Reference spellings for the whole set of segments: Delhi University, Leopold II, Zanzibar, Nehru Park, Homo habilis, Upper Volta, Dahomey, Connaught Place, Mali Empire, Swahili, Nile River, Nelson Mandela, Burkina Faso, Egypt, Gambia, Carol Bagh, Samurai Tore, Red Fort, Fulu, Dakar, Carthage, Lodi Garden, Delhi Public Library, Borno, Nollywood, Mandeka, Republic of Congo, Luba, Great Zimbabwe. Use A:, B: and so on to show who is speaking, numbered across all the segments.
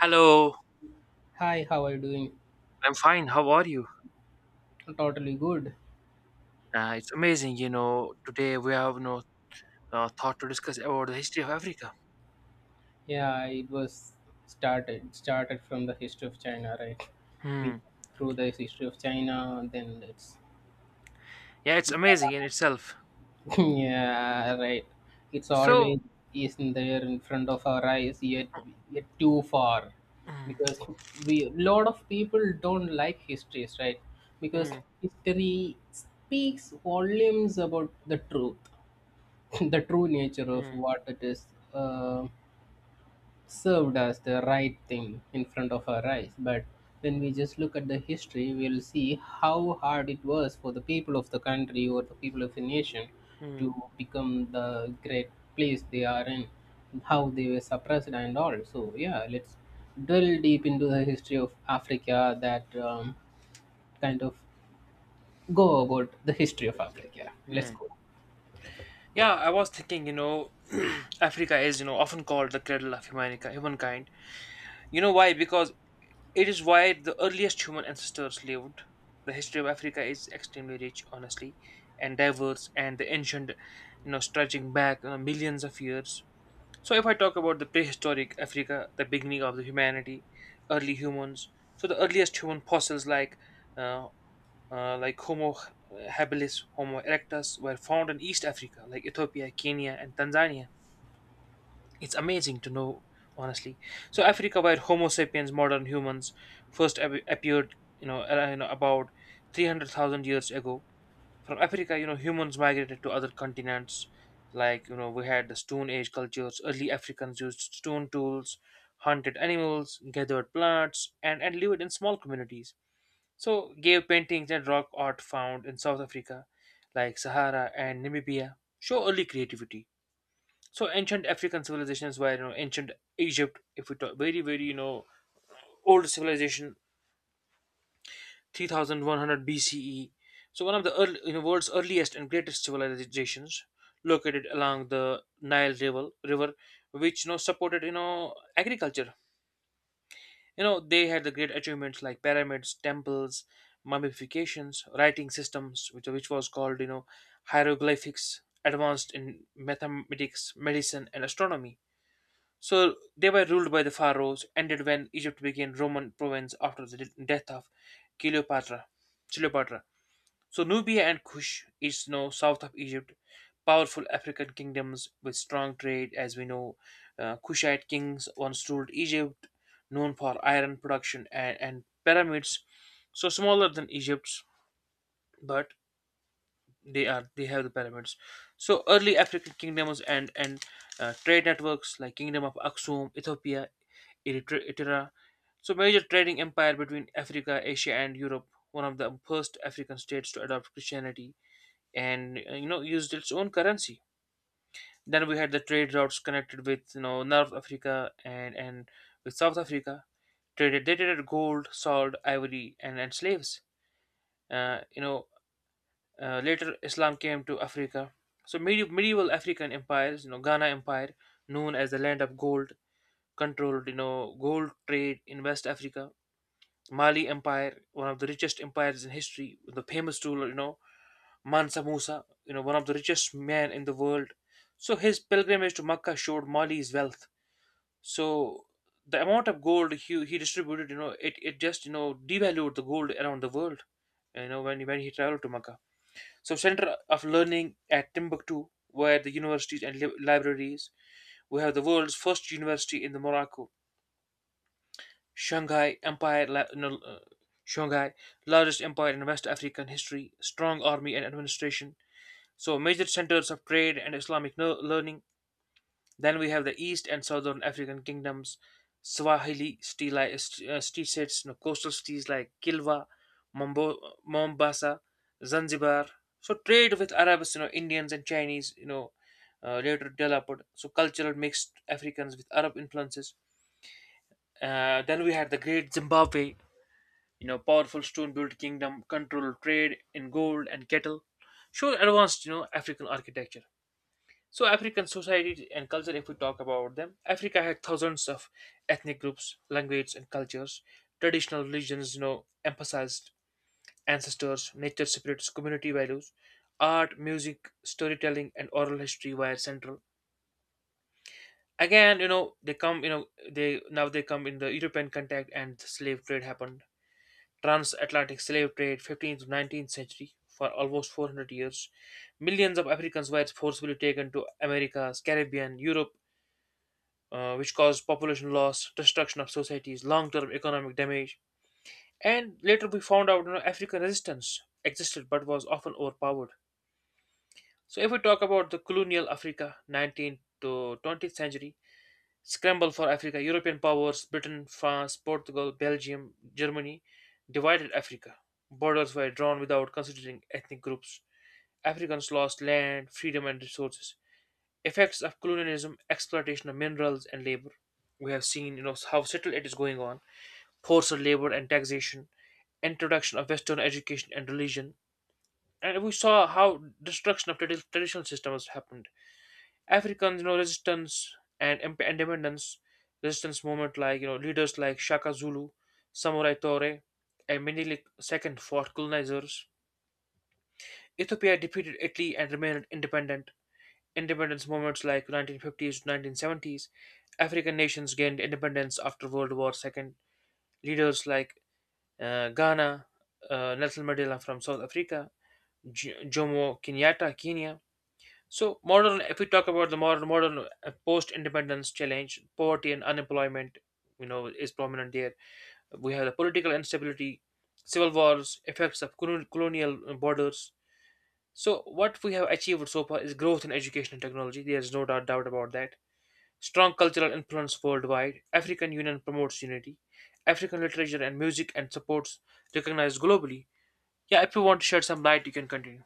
A: Hello,
B: Hi, how are you doing?
A: I'm fine. How are you?
B: Totally good.
A: It's amazing, you know. Today we have no thought to discuss about the history of Africa.
B: Yeah, it was started from the history of China, right?
A: Hmm.
B: We through the history of China, then it's
A: Yeah, it's amazing in itself.
B: yeah, right. It's
A: So.
B: always is in there in front of our eyes, yet too far,
A: Hmm,
B: because we lot of people don't like histories, right? Because
A: hmm,
B: history speaks volumes about the truth, the true nature of
A: hmm,
B: what it is. Uh, Served as the right thing in front of our eyes. But when we just look at the history, we'll see how hard it was for the people of the country or the people of the nation to
A: hmm,
B: become the great place they are in, how they were suppressed and all. So, yeah, let's drill deep into the history of Africa that kind of go about the history of Africa. Let's
A: hmm.
B: go.
A: Yeah, I was thinking, you know, Africa is, you know, often called the cradle of humankind. You know why? Because it is why the earliest human ancestors lived. The history of Africa is extremely rich, honestly, and diverse, and the ancient, you know, stretching back, you know, millions of years. So, if I talk about the prehistoric Africa, the beginning of the humanity, early humans, so the earliest human fossils uh, like Homo habilis, Homo erectus were found in East Africa, like Ethiopia, Kenya, and Tanzania. It's amazing to know, honestly. So, Africa, where Homo sapiens, modern humans, first appeared, you know, you know, about 300,000 years ago, from Africa, you know, humans migrated to other continents. Like, you know, we had the Stone Age cultures. Early Africans used stone tools, hunted animals, gathered plants, and lived in small communities. So, cave paintings and rock art found in South Africa, like Sahara and Namibia, show early creativity. So, ancient African civilizations were, you know, ancient Egypt, if we talk very, very, you know, old civilization, 3100 BCE. So one of the earl you know, world's earliest and greatest civilizations located along the Nile River, river, which, you know, supported, you know, agriculture. You know, they had the great achievements like pyramids, temples, mummifications, writing systems, which was called, you know, hieroglyphics, advanced in mathematics, medicine, and astronomy. So they were ruled by the pharaohs. Ended when Egypt became Roman province after the death of Cleopatra. Cleopatra. So Nubia and Kush is now south of Egypt, powerful African kingdoms with strong trade. As we know, Kushite kings once ruled Egypt, known for iron production and pyramids. So smaller than Egypt's, but they have the pyramids. So early African kingdoms and trade networks like Kingdom of Aksum, Ethiopia, Eritrea, etc. So major trading empire between Africa, Asia, and Europe. One of the first African states to adopt Christianity and you know, used its own currency. Then we had the trade routes connected with, you know, North Africa and with South Africa. Traded they traded gold, salt, ivory, and slaves. Uh, you know Later Islam came to Africa. So medieval African empires, you know, Ghana Empire, known as the land of gold, controlled, you know, gold trade in West Africa. Mali Empire, one of the richest empires in history, the famous ruler, you know, Mansa Musa, you know, one of the richest men in the world. So his pilgrimage to Mecca showed Mali's wealth. So the amount of gold he distributed, you know, it just, you know, devalued the gold around the world, you know, when he traveled to Mecca. So center of learning at Timbuktu, where the universities and libraries, we have the world's first university in the Morocco, Shanghai Empire, la- you Shanghai, largest empire in West African history, strong army and administration. So, major centers of trade and Islamic learning. Then we have the East and Southern African kingdoms, Swahili tea states, you know, coastal cities like Kilwa, Mombasa, Zanzibar. So, trade with Arabs, you know, Indians and Chinese, you know, later developed. So, cultural mixed Africans with Arab influences. Then we had the Great Zimbabwe, you know, powerful stone-built kingdom, controlled trade in gold and cattle. Sure, advanced, you know, African architecture. So African society and culture, if we talk about them, Africa had thousands of ethnic groups, languages and cultures. Traditional religions, you know, emphasized ancestors, nature spirits, community values, art, music, storytelling, and oral history were central. Again, you know, they now they come in the European contact and the slave trade happened. Transatlantic slave trade, 15th to 19th century, for almost 400 years. Millions of Africans were forcibly taken to Americas, Caribbean, Europe, which caused population loss, destruction of societies, long-term economic damage, and later we found out, you know, African resistance existed but was often overpowered. So if we talk about the colonial Africa, 19th to 20th century, scramble for Africa, European powers, Britain, France, Portugal, Belgium, Germany, divided Africa. Borders were drawn without considering ethnic groups. Africans lost land, freedom, and resources, effects of colonialism, exploitation of minerals and labor. We have seen, you know, how subtle it is going on, forced labor and taxation, introduction of Western education and religion, and we saw how destruction of traditional systems happened. Africans, you know, resistance and independence, resistance movement like, you know, leaders like Shaka Zulu, Samurai Tore, and Menelik the second fought colonizers. Ethiopia defeated Italy and remained independent. Independence movements like 1950s to 1970s, African nations gained independence after World War II. Leaders like Ghana, Nelson Mandela from South Africa, Jomo Kenyatta, Kenya. So modern, if we talk about the modern post-independence challenge, poverty and unemployment, you know, is prominent there. We have the political instability, civil wars, effects of colonial borders. So what we have achieved so far is growth in education and technology. There is no doubt about that. Strong cultural influence worldwide, African Union promotes unity, African literature and music and supports recognized globally. Yeah, if you want to shed some light, you can continue.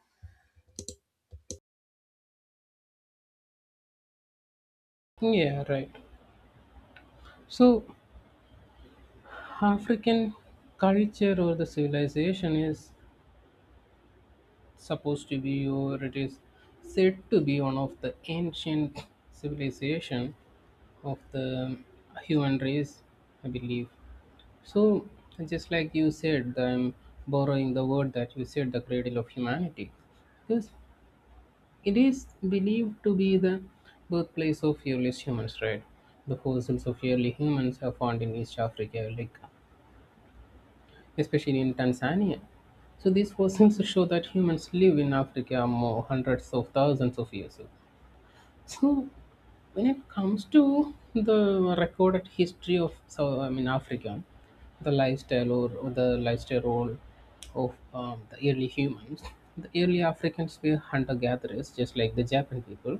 B: Yeah, right. So, African culture or the civilization is supposed to be or it is said to be one of the ancient civilization of the human race, I believe so. Just like you said, I'm borrowing the word that you said, the cradle of humanity, because it is believed to be the birthplace of earliest humans, right? The fossils of early humans are found in East Africa, like especially in Tanzania. So these fossils show that humans live in Africa more hundreds of thousands of years ago. So when it comes to the recorded history of, so I mean, Africa, the lifestyle or the lifestyle role of the early humans, the early Africans were hunter gatherers, just like the Japan people.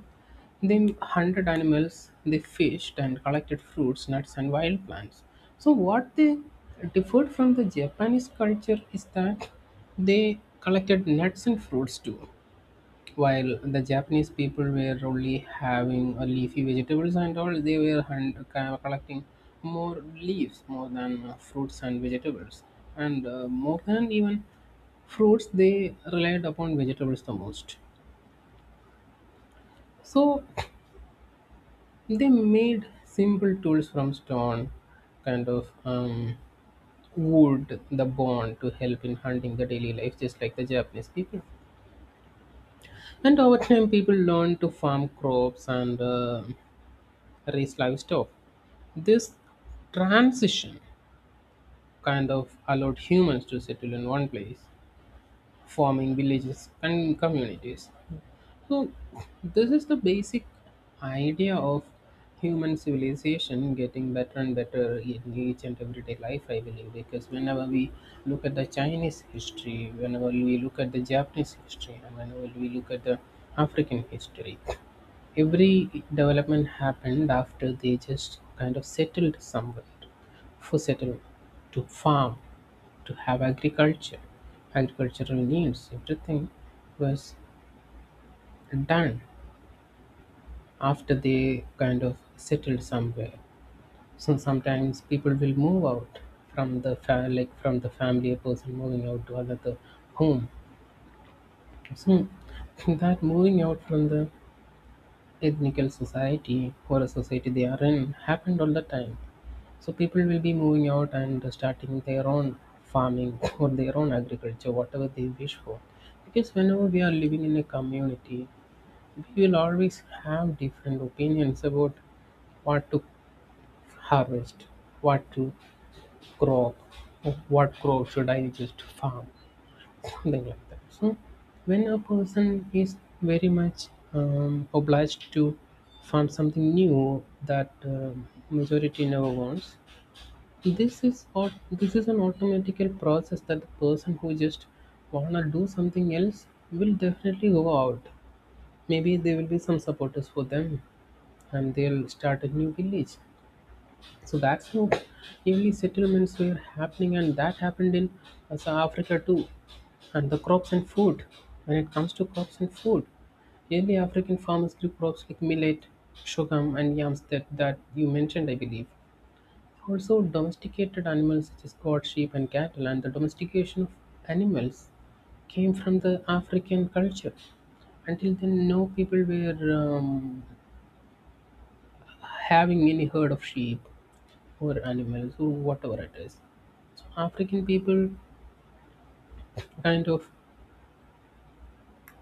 B: They hunted animals, they fished and collected fruits, nuts, and wild plants. So, what they differed from the Japanese culture is that they collected nuts and fruits too. While the Japanese people were only having leafy vegetables and all, they were collecting more leaves more than fruits and vegetables. And more than even fruits, they relied upon vegetables the most. So they made simple tools from stone, kind of wood, the bone to help in hunting the daily life, just like the Japanese people. And over time, people learned to farm crops and raise livestock. This transition kind of allowed humans to settle in one place, forming villages and communities. So, this is the basic idea of human civilization getting better and better in each and everyday life, I believe. Because whenever we look at the Chinese history, whenever we look at the Japanese history, and whenever we look at the African history, every development happened after they just kind of settled somewhere, to settle, to farm, to have agriculture. Agricultural needs, everything was done after they kind of settled somewhere. So sometimes people will move out from like from the family, a person moving out to another home. So that moving out from the ethnical society or a society they are in happened all the time. So people will be moving out and starting their own farming or their own agriculture, whatever they wish for. Because whenever we are living in a community, we will always have different opinions about what to harvest, what to crop, or what crop should I just farm, something like that. So when a person is very much obliged to farm something new that majority never wants, this is what, this is an automatical process that the person who just wanna do something else will definitely go out. Maybe there will be some supporters for them and they'll start a new village. So that's how early settlements were happening, and that happened in South Africa too. And the crops and food. When it comes to crops and food, early African farmers grew crops like millet, sorghum and yams that, you mentioned, I believe. Also, domesticated animals such as goat, sheep, and cattle, and the domestication of animals came from the African culture. Until then, no people were having any herd of sheep or animals or whatever it is. So, African people kind of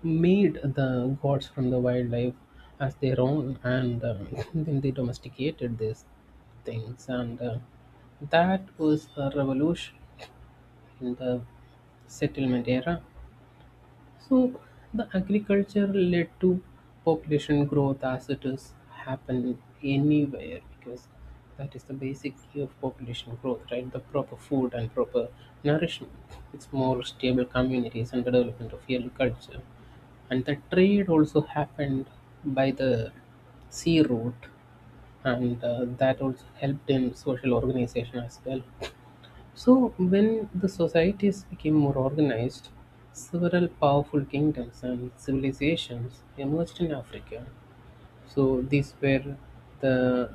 B: made the gods from the wildlife as their own, and then they domesticated these things, and that was a revolution in the settlement era. So the agriculture led to population growth, as it is happen anywhere, because that is the basic key of population growth, right? The proper food and proper nourishment. It's more stable communities and the development of agriculture. And the trade also happened by the sea route, and that also helped in social organization as well. So, when the societies became more organized, several powerful kingdoms and civilizations emerged in Africa. So, these were the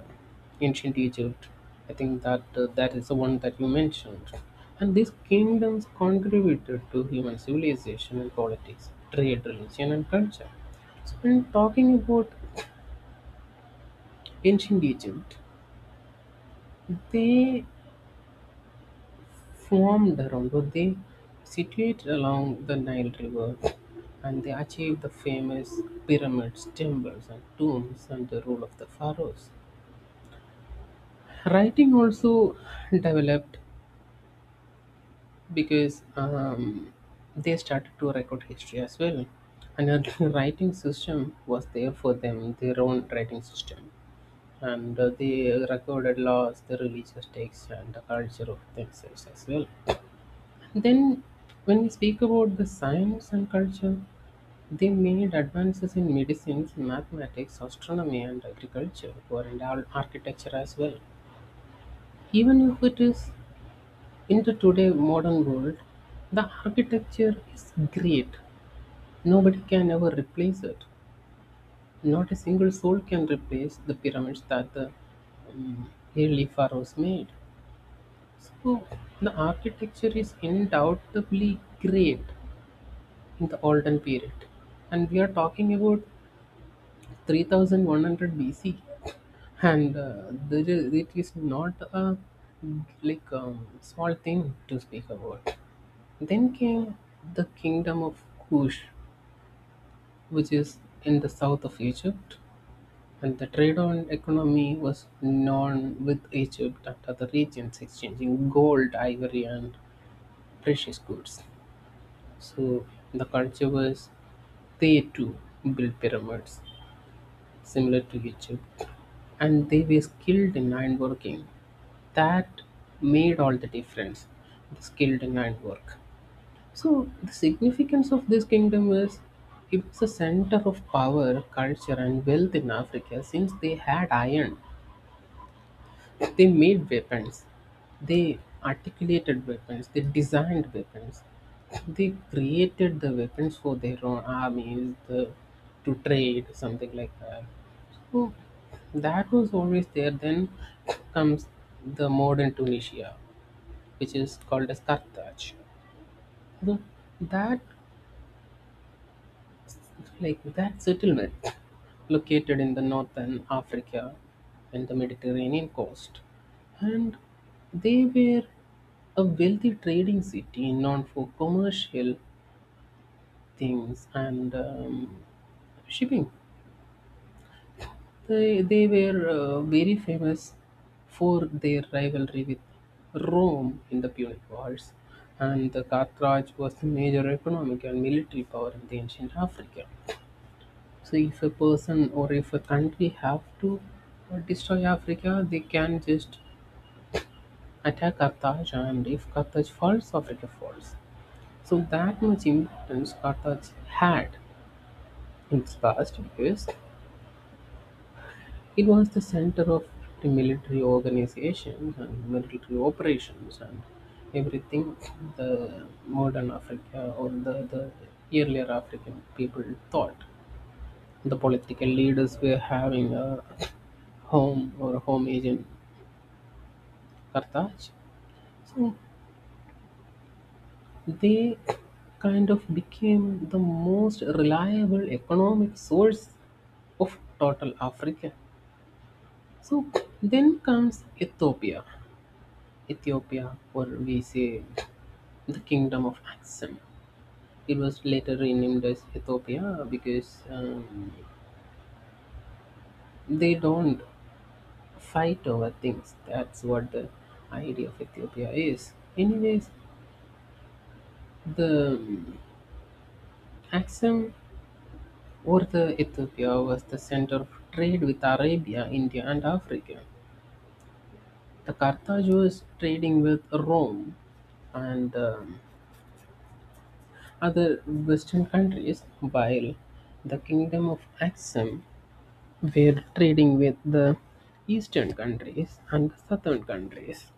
B: ancient Egypt. I think that that is the one that you mentioned. And these kingdoms contributed to human civilization and politics, trade, religion, and culture. So, when talking about ancient Egypt, they formed around what they situated along the Nile River, and they achieved the famous pyramids, temples, and tombs and the rule of the pharaohs. Writing also developed because they started to record history as well. Another writing system was there for them, their own writing system. And they recorded laws, the religious texts, and the culture of themselves as well. Then, when we speak about the science and culture, they made advances in medicines, mathematics, astronomy, and agriculture, or and all architecture as well. Even if it is in the today modern world, the architecture is great. Nobody can ever replace it. Not a single soul can replace the pyramids that the um, early pharaohs made. So the architecture is undoubtedly great in the Olden period. And we are talking about 3100 BC, and it is not a like small thing to speak about. Then came the kingdom of Kush, which is in the south of Egypt, and the trade and economy was known with Egypt and other regions, exchanging gold, ivory, and precious goods. So the culture was, they too built pyramids similar to Egypt, and they were skilled in ironworking. That made all the difference, the skilled in ironwork. So, the significance of this kingdom is it was a center of power, culture, and wealth in Africa since they had iron. They made weapons, they articulated weapons, they designed weapons, they created the weapons for their own armies, the, to trade, something like that. Oh, that was always there. Then comes the modern Tunisia, which is called as Carthage. The, that Like that settlement located in the northern Africa and the Mediterranean coast, and they were a wealthy trading city known for commercial things and shipping. They were very famous for their rivalry with Rome in the Punic Wars, and the Carthage was the major economic and military power in the ancient Africa. So, if a person or if a country have to destroy Africa, they can just attack Carthage, and if Carthage falls, Africa falls. So, that much importance Carthage had in its past, because it was the center of the military organizations and military operations and everything the modern Africa or the earlier African people thought. The political leaders were having a home or home agent Carthage. So they kind of became the most reliable economic source of total Africa. So then comes Ethiopia. Ethiopia, or we say the Kingdom of Axum. It was later renamed as Ethiopia because they don't fight over things. That's what the idea of Ethiopia is. Anyways, the Aksum or the Ethiopia was the center of trade with Arabia, India, and Africa. The Carthage was trading with Rome and other Western countries, while the Kingdom of Axum. We're trading with the eastern countries and the southern countries.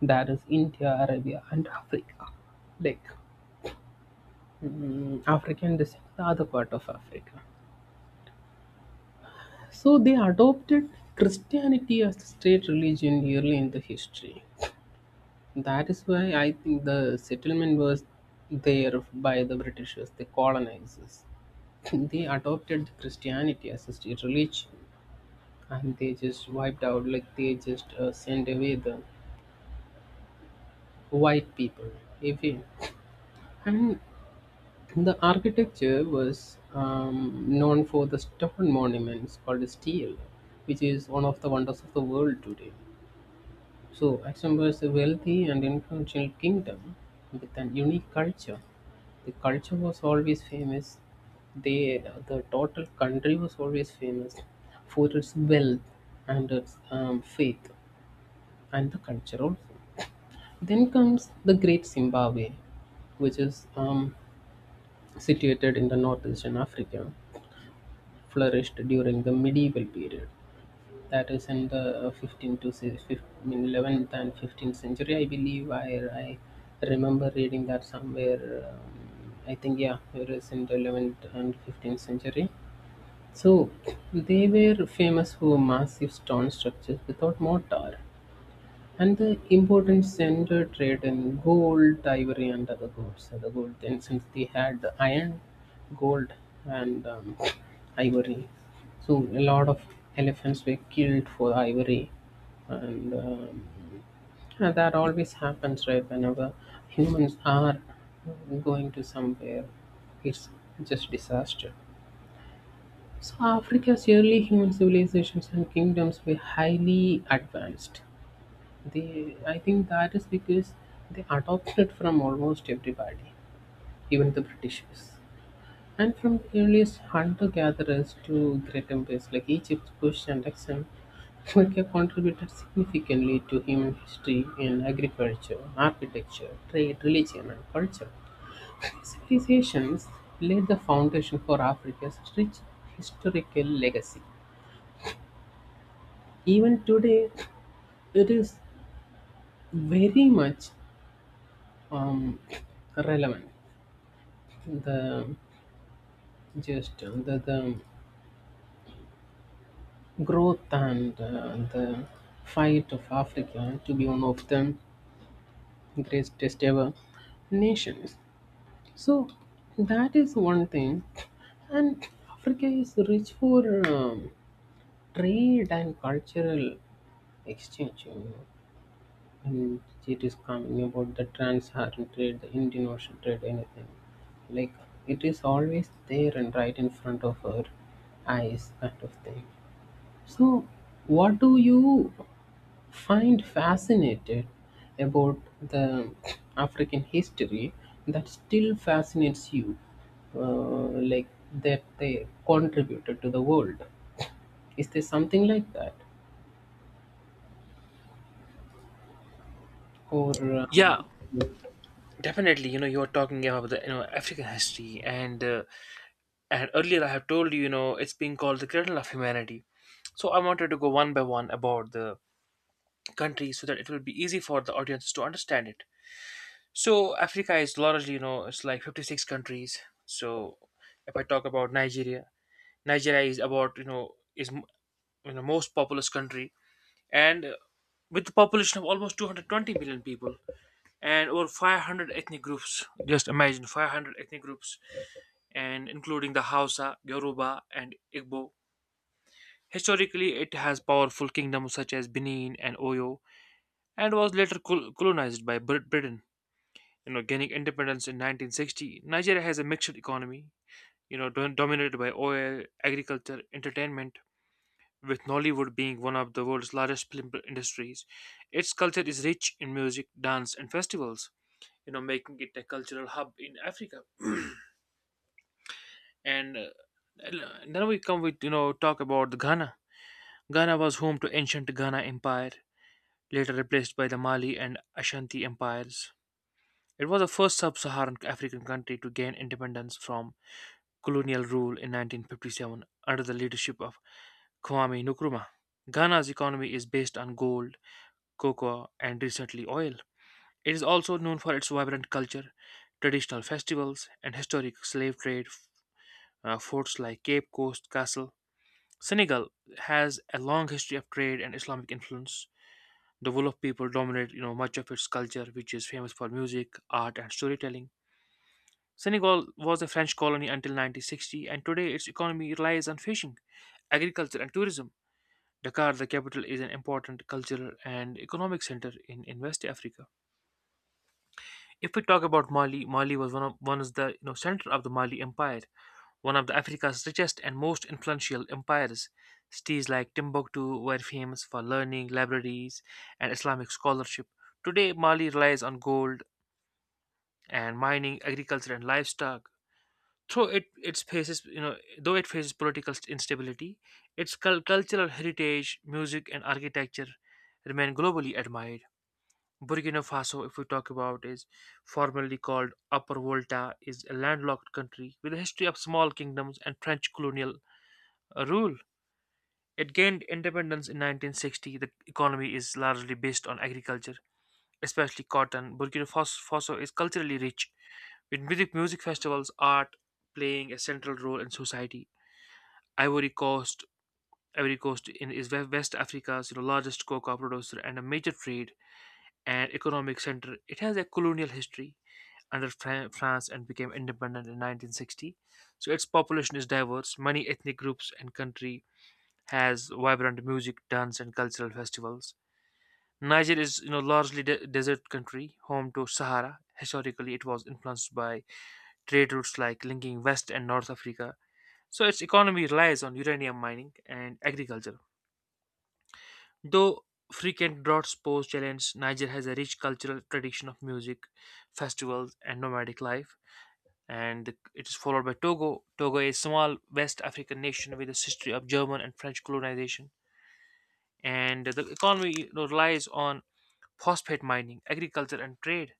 B: That is India, Arabia, and Africa. Like African descent, the other part of Africa. So they adopted Christianity as the state religion early in the history. That is why I think the settlement was there by the Britishers, the colonizers. They adopted Christianity as a state religion, and they just wiped out, like they just sent away the white people even, and the architecture was known for the stone monuments called steel, which is one of the wonders of the world today. So Luxembourg was a wealthy and influential kingdom with an unique culture. The culture was always famous. they the total country was always famous for its wealth and its faith and the culture also. Then comes the great Zimbabwe, which is situated in the northeastern Africa, flourished during the medieval period. That is in the 15th to si- fif- I mean, 11th and 15th century, I believe. I remember reading that somewhere. I think, yeah, it is in the 11th and 15th century. So they were famous for massive stone structures without mortar. And the important center trade in gold, ivory, and other goods. So, the gold then, since they had iron, gold, and ivory, so a lot of elephants were killed for ivory, and um, and that always happens, right? Whenever humans are going to somewhere, it's just disaster. So Africa's early human civilizations and kingdoms were highly advanced. They, I think that is because they adopted from almost everybody, even the Britishers. And from the earliest hunter gatherers to great empires like Egypt, Kush, and Aksum, Inca contributed significantly to human history in agriculture, architecture, trade, religion, and culture. These civilizations laid the foundation for Africa's rich historical legacy. Even today, it is very much um, relevant. the just the, the growth and the fight of Africa to be one of the greatest ever nations. So that is one thing, and Africa is rich for um, trade and cultural exchange, you know. And it is coming about the trans-Saharan trade, the Indian Ocean trade, anything like, it is always there and right in front of our eyes, kind of thing. So, what do you find fascinated about the African history that still fascinates you, uh, like that they contributed to the world? Is there something like that, or
A: Yeah,
B: um,
A: definitely. You know, you are talking about the, you know, African history, and earlier I have told you, you know, it's being called the cradle of humanity. So I wanted to go one by one about the country so that it will be easy for the audience to understand it. So Africa is largely, you know, it's like 56 countries. So if I talk about Nigeria, Nigeria is about, you know, you know, most populous country and with the population of almost 220 million people and over 500 ethnic groups. Just imagine 500 ethnic groups and including the Hausa, Yoruba, and Igbo. Historically, it has powerful kingdoms such as Benin and Oyo and was later colonized by Britain. You know, gaining independence in 1960, Nigeria has a mixed economy. You know, dominated by oil, agriculture, entertainment, with Nollywood being one of the world's largest film industries, its culture is rich in music, dance, and festivals, you know, making it a cultural hub in Africa. And then we come with, you know, talk about the Ghana. Ghana was home to ancient Ghana Empire, later replaced by the Mali and Ashanti empires. It was the first sub-Saharan African country to gain independence from colonial rule in 1957 under the leadership of Kwame Nkrumah. Ghana's economy is based on gold, cocoa, and recently oil. It is also known for its vibrant culture, traditional festivals, and historic slave trade. Forts like Cape Coast Castle. Senegal has a long history of trade and Islamic influence. The Wolof people dominate, you know, much of its culture, which is famous for music, art, and storytelling. Senegal was a French colony until 1960, and today its economy relies on fishing, agriculture, and tourism. Dakar, the capital, is an important cultural and economic center in West Africa. If we talk about Mali, Mali was one is the, you know, center of the Mali Empire, one of the Africa's richest and most influential empires. Cities like Timbuktu were famous for learning, libraries, and Islamic scholarship. Today, Mali relies on gold and mining, agriculture, and livestock. Though it faces, you know, though it faces political instability, its cultural heritage, music, and architecture remain globally admired. Burkina Faso, if we talk about, is formerly called Upper Volta, is a landlocked country with a history of small kingdoms and French colonial rule. It gained independence in 1960. The economy is largely based on agriculture, especially cotton. Faso is culturally rich, with music, music festivals, art playing a central role in society. Ivory Coast, Ivory Coast is West Africa's, you know, largest cocoa producer and a major trade and economic center. It has a colonial history under France and became independent in 1960. So its population is diverse, many ethnic groups and country has vibrant music, dance and cultural festivals. Niger is, you know, largely desert country, home to Sahara. Historically, it was influenced by trade routes like linking West and North Africa. So its economy relies on uranium mining and agriculture. Though frequent droughts pose challenge, Niger has a rich cultural tradition of music, festivals and nomadic life. It is followed by Togo. Togo is a small West African nation with a history of German and French colonization, and the economy, relies on phosphate mining, agriculture, and trade.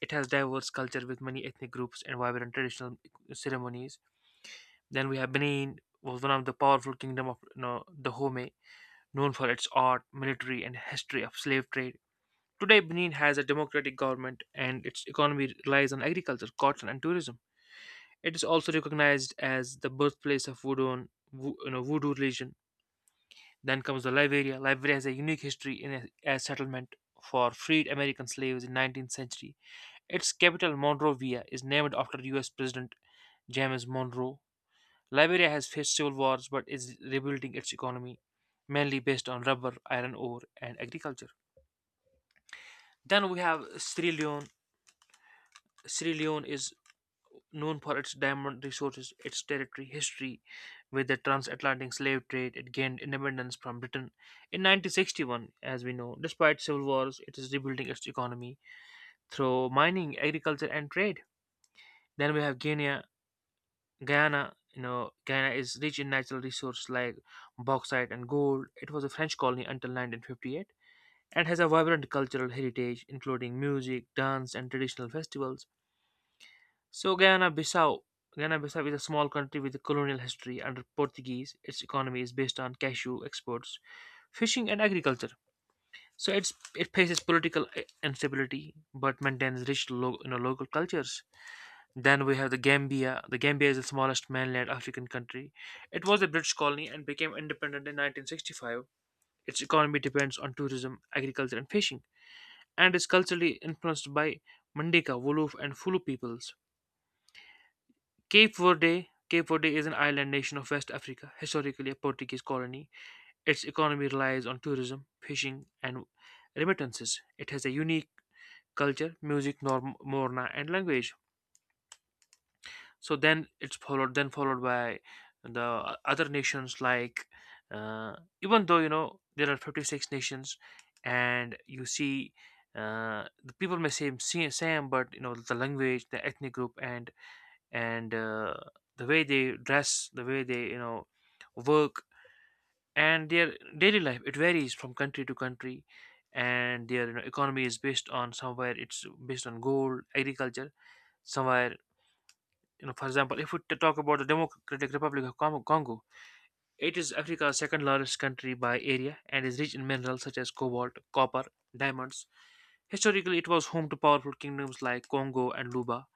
A: It has diverse culture with many ethnic groups and vibrant traditional ceremonies. Then we have Benin, was one of the powerful kingdom of, the Dahomey, known for its art, military, and history of slave trade. Today, Benin has a democratic government, and its economy relies on agriculture, cotton, and tourism. It is also recognized as the birthplace of voodoo, voodoo religion. Then comes the Liberia. Liberia has a unique history in a, as settlement for freed American slaves in 19th century. Its capital Monrovia is named after U.S. President James Monroe. Liberia has faced civil wars but is rebuilding its economy, mainly based on rubber, iron ore, and agriculture. Then we have Sierra Leone. Sierra Leone is known for its diamond resources, its territory, history with the transatlantic slave trade. It gained independence from Britain in 1961, as we know. Despite civil wars, it is rebuilding its economy through mining, agriculture, and trade. Then we have Guyana. Guyana is rich in natural resources like bauxite and gold. It was a French colony until 1958 and has a vibrant cultural heritage, including music, dance, and traditional festivals. So Guyana-Bissau is a small country with a colonial history under Portuguese. Its economy is based on cashew exports, fishing, and agriculture. So it faces political instability, but maintains rich local cultures. Then we have the Gambia. The Gambia is the smallest mainland African country. It was a British colony and became independent in 1965. Its economy depends on tourism, agriculture, and fishing, and is culturally influenced by Mandeka, Wolof, and Fulu peoples. Cape Verde is an island nation of West Africa, historically a Portuguese colony. Its economy relies on tourism, fishing, and remittances. It has a unique culture, music, norm, morna, and language. So then followed by the other nations like, uh, even though you know there are 56 nations, and you see. The people may seem same, same, but you know the language, the ethnic group, and and uh, the way they dress, the way they, work, and their daily life. It varies from country to country, and their, economy is based on somewhere it's based on gold, agriculture, somewhere. You know, for example, if we talk about the Democratic Republic of Congo, it is Africa's second largest country by area and is rich in minerals such as cobalt, copper, diamonds. Historically, it was home to powerful kingdoms like Congo and Luba,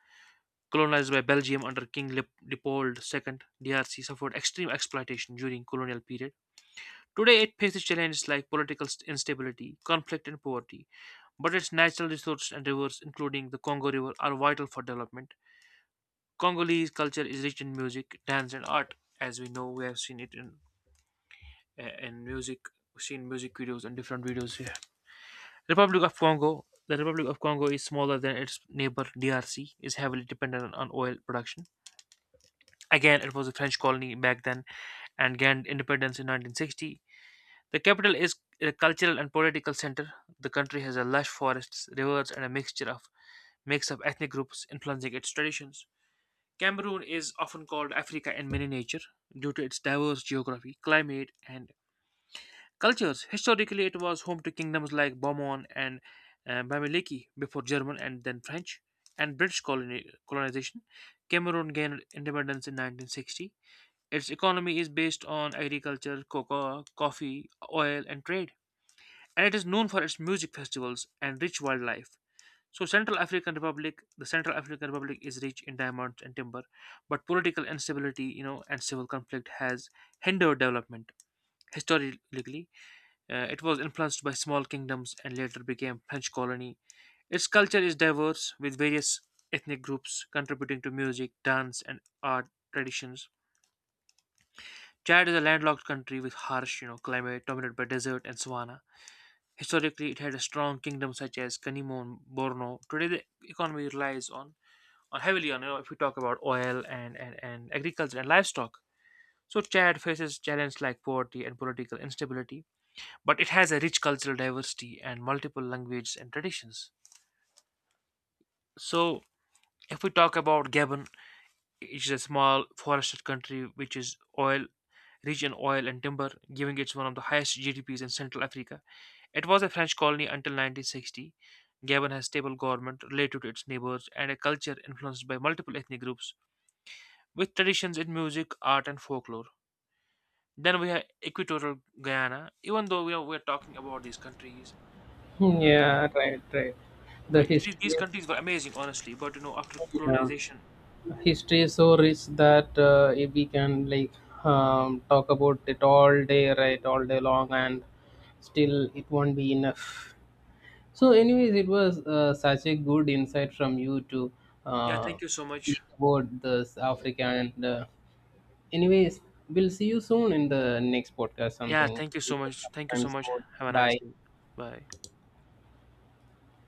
A: colonized by Belgium under King Leopold II. DRC suffered extreme exploitation during colonial period. Today, it faces challenges like political instability, conflict, and poverty. But its natural resources and rivers, including the Congo River, are vital for development. Congolese culture is rich in music, dance, and art. As we know, we have seen it in music, we've seen music videos and different videos here. Republic of Congo. The Republic of Congo is smaller than its neighbor DRC, is heavily dependent on oil production. Again, it was a French colony back then and gained independence in 1960. The capital is a cultural and political center. The country has a lush forests, rivers, and a mix of ethnic groups influencing its traditions. Cameroon is often called Africa in miniature due to its diverse geography, climate, and cultures. Historically, it was home to kingdoms like Bourbon and Bamileki before German and then French and British colonization. Cameroon gained independence in 1960. Its economy is based on agriculture, cocoa, coffee, oil, and trade. And it is known for its music festivals and rich wildlife. So, the Central African Republic is rich in diamonds and timber, but political instability, and civil conflict has hindered development. Historically, it was influenced by small kingdoms and later became French colony. Its culture is diverse, with various ethnic groups contributing to music, dance, and art traditions. Chad is a landlocked country with harsh, climate dominated by desert and savanna. Historically, it had a strong kingdom such as Kanimo and Borno. Today, the economy relies on heavily on, you know, if we talk about oil and agriculture and livestock. So Chad faces challenges like poverty and political instability, but it has a rich cultural diversity and multiple languages and traditions. So if we talk about Gabon, it is a small forested country which is oil rich in oil and timber, giving it one of the highest GDPs in Central Africa. It was a French colony until 1960. Gabon has stable government related to its neighbors and a culture influenced by multiple ethnic groups, with traditions in music, art, and folklore. Then we have Equatorial Guyana. Even though we're talking about these countries, you
B: yeah,
A: know,
B: right, right. The history,
A: these
B: is,
A: countries were amazing, honestly. But you know, after
B: yeah,
A: colonization,
B: history is so rich that if we can like talk about it all day, right, all day long, and still it won't be enough. So, anyways, it was such a good insight from you to
A: yeah.
B: uh,
A: Thank you so much.
B: speak about this Africa. And anyways, we'll see you soon in the next podcast.
A: Yeah,
B: Something.
A: thank you so much. Thank you
B: I'm
A: so much.
B: soon.
A: Have a nice day.
B: Bye.
A: Bye.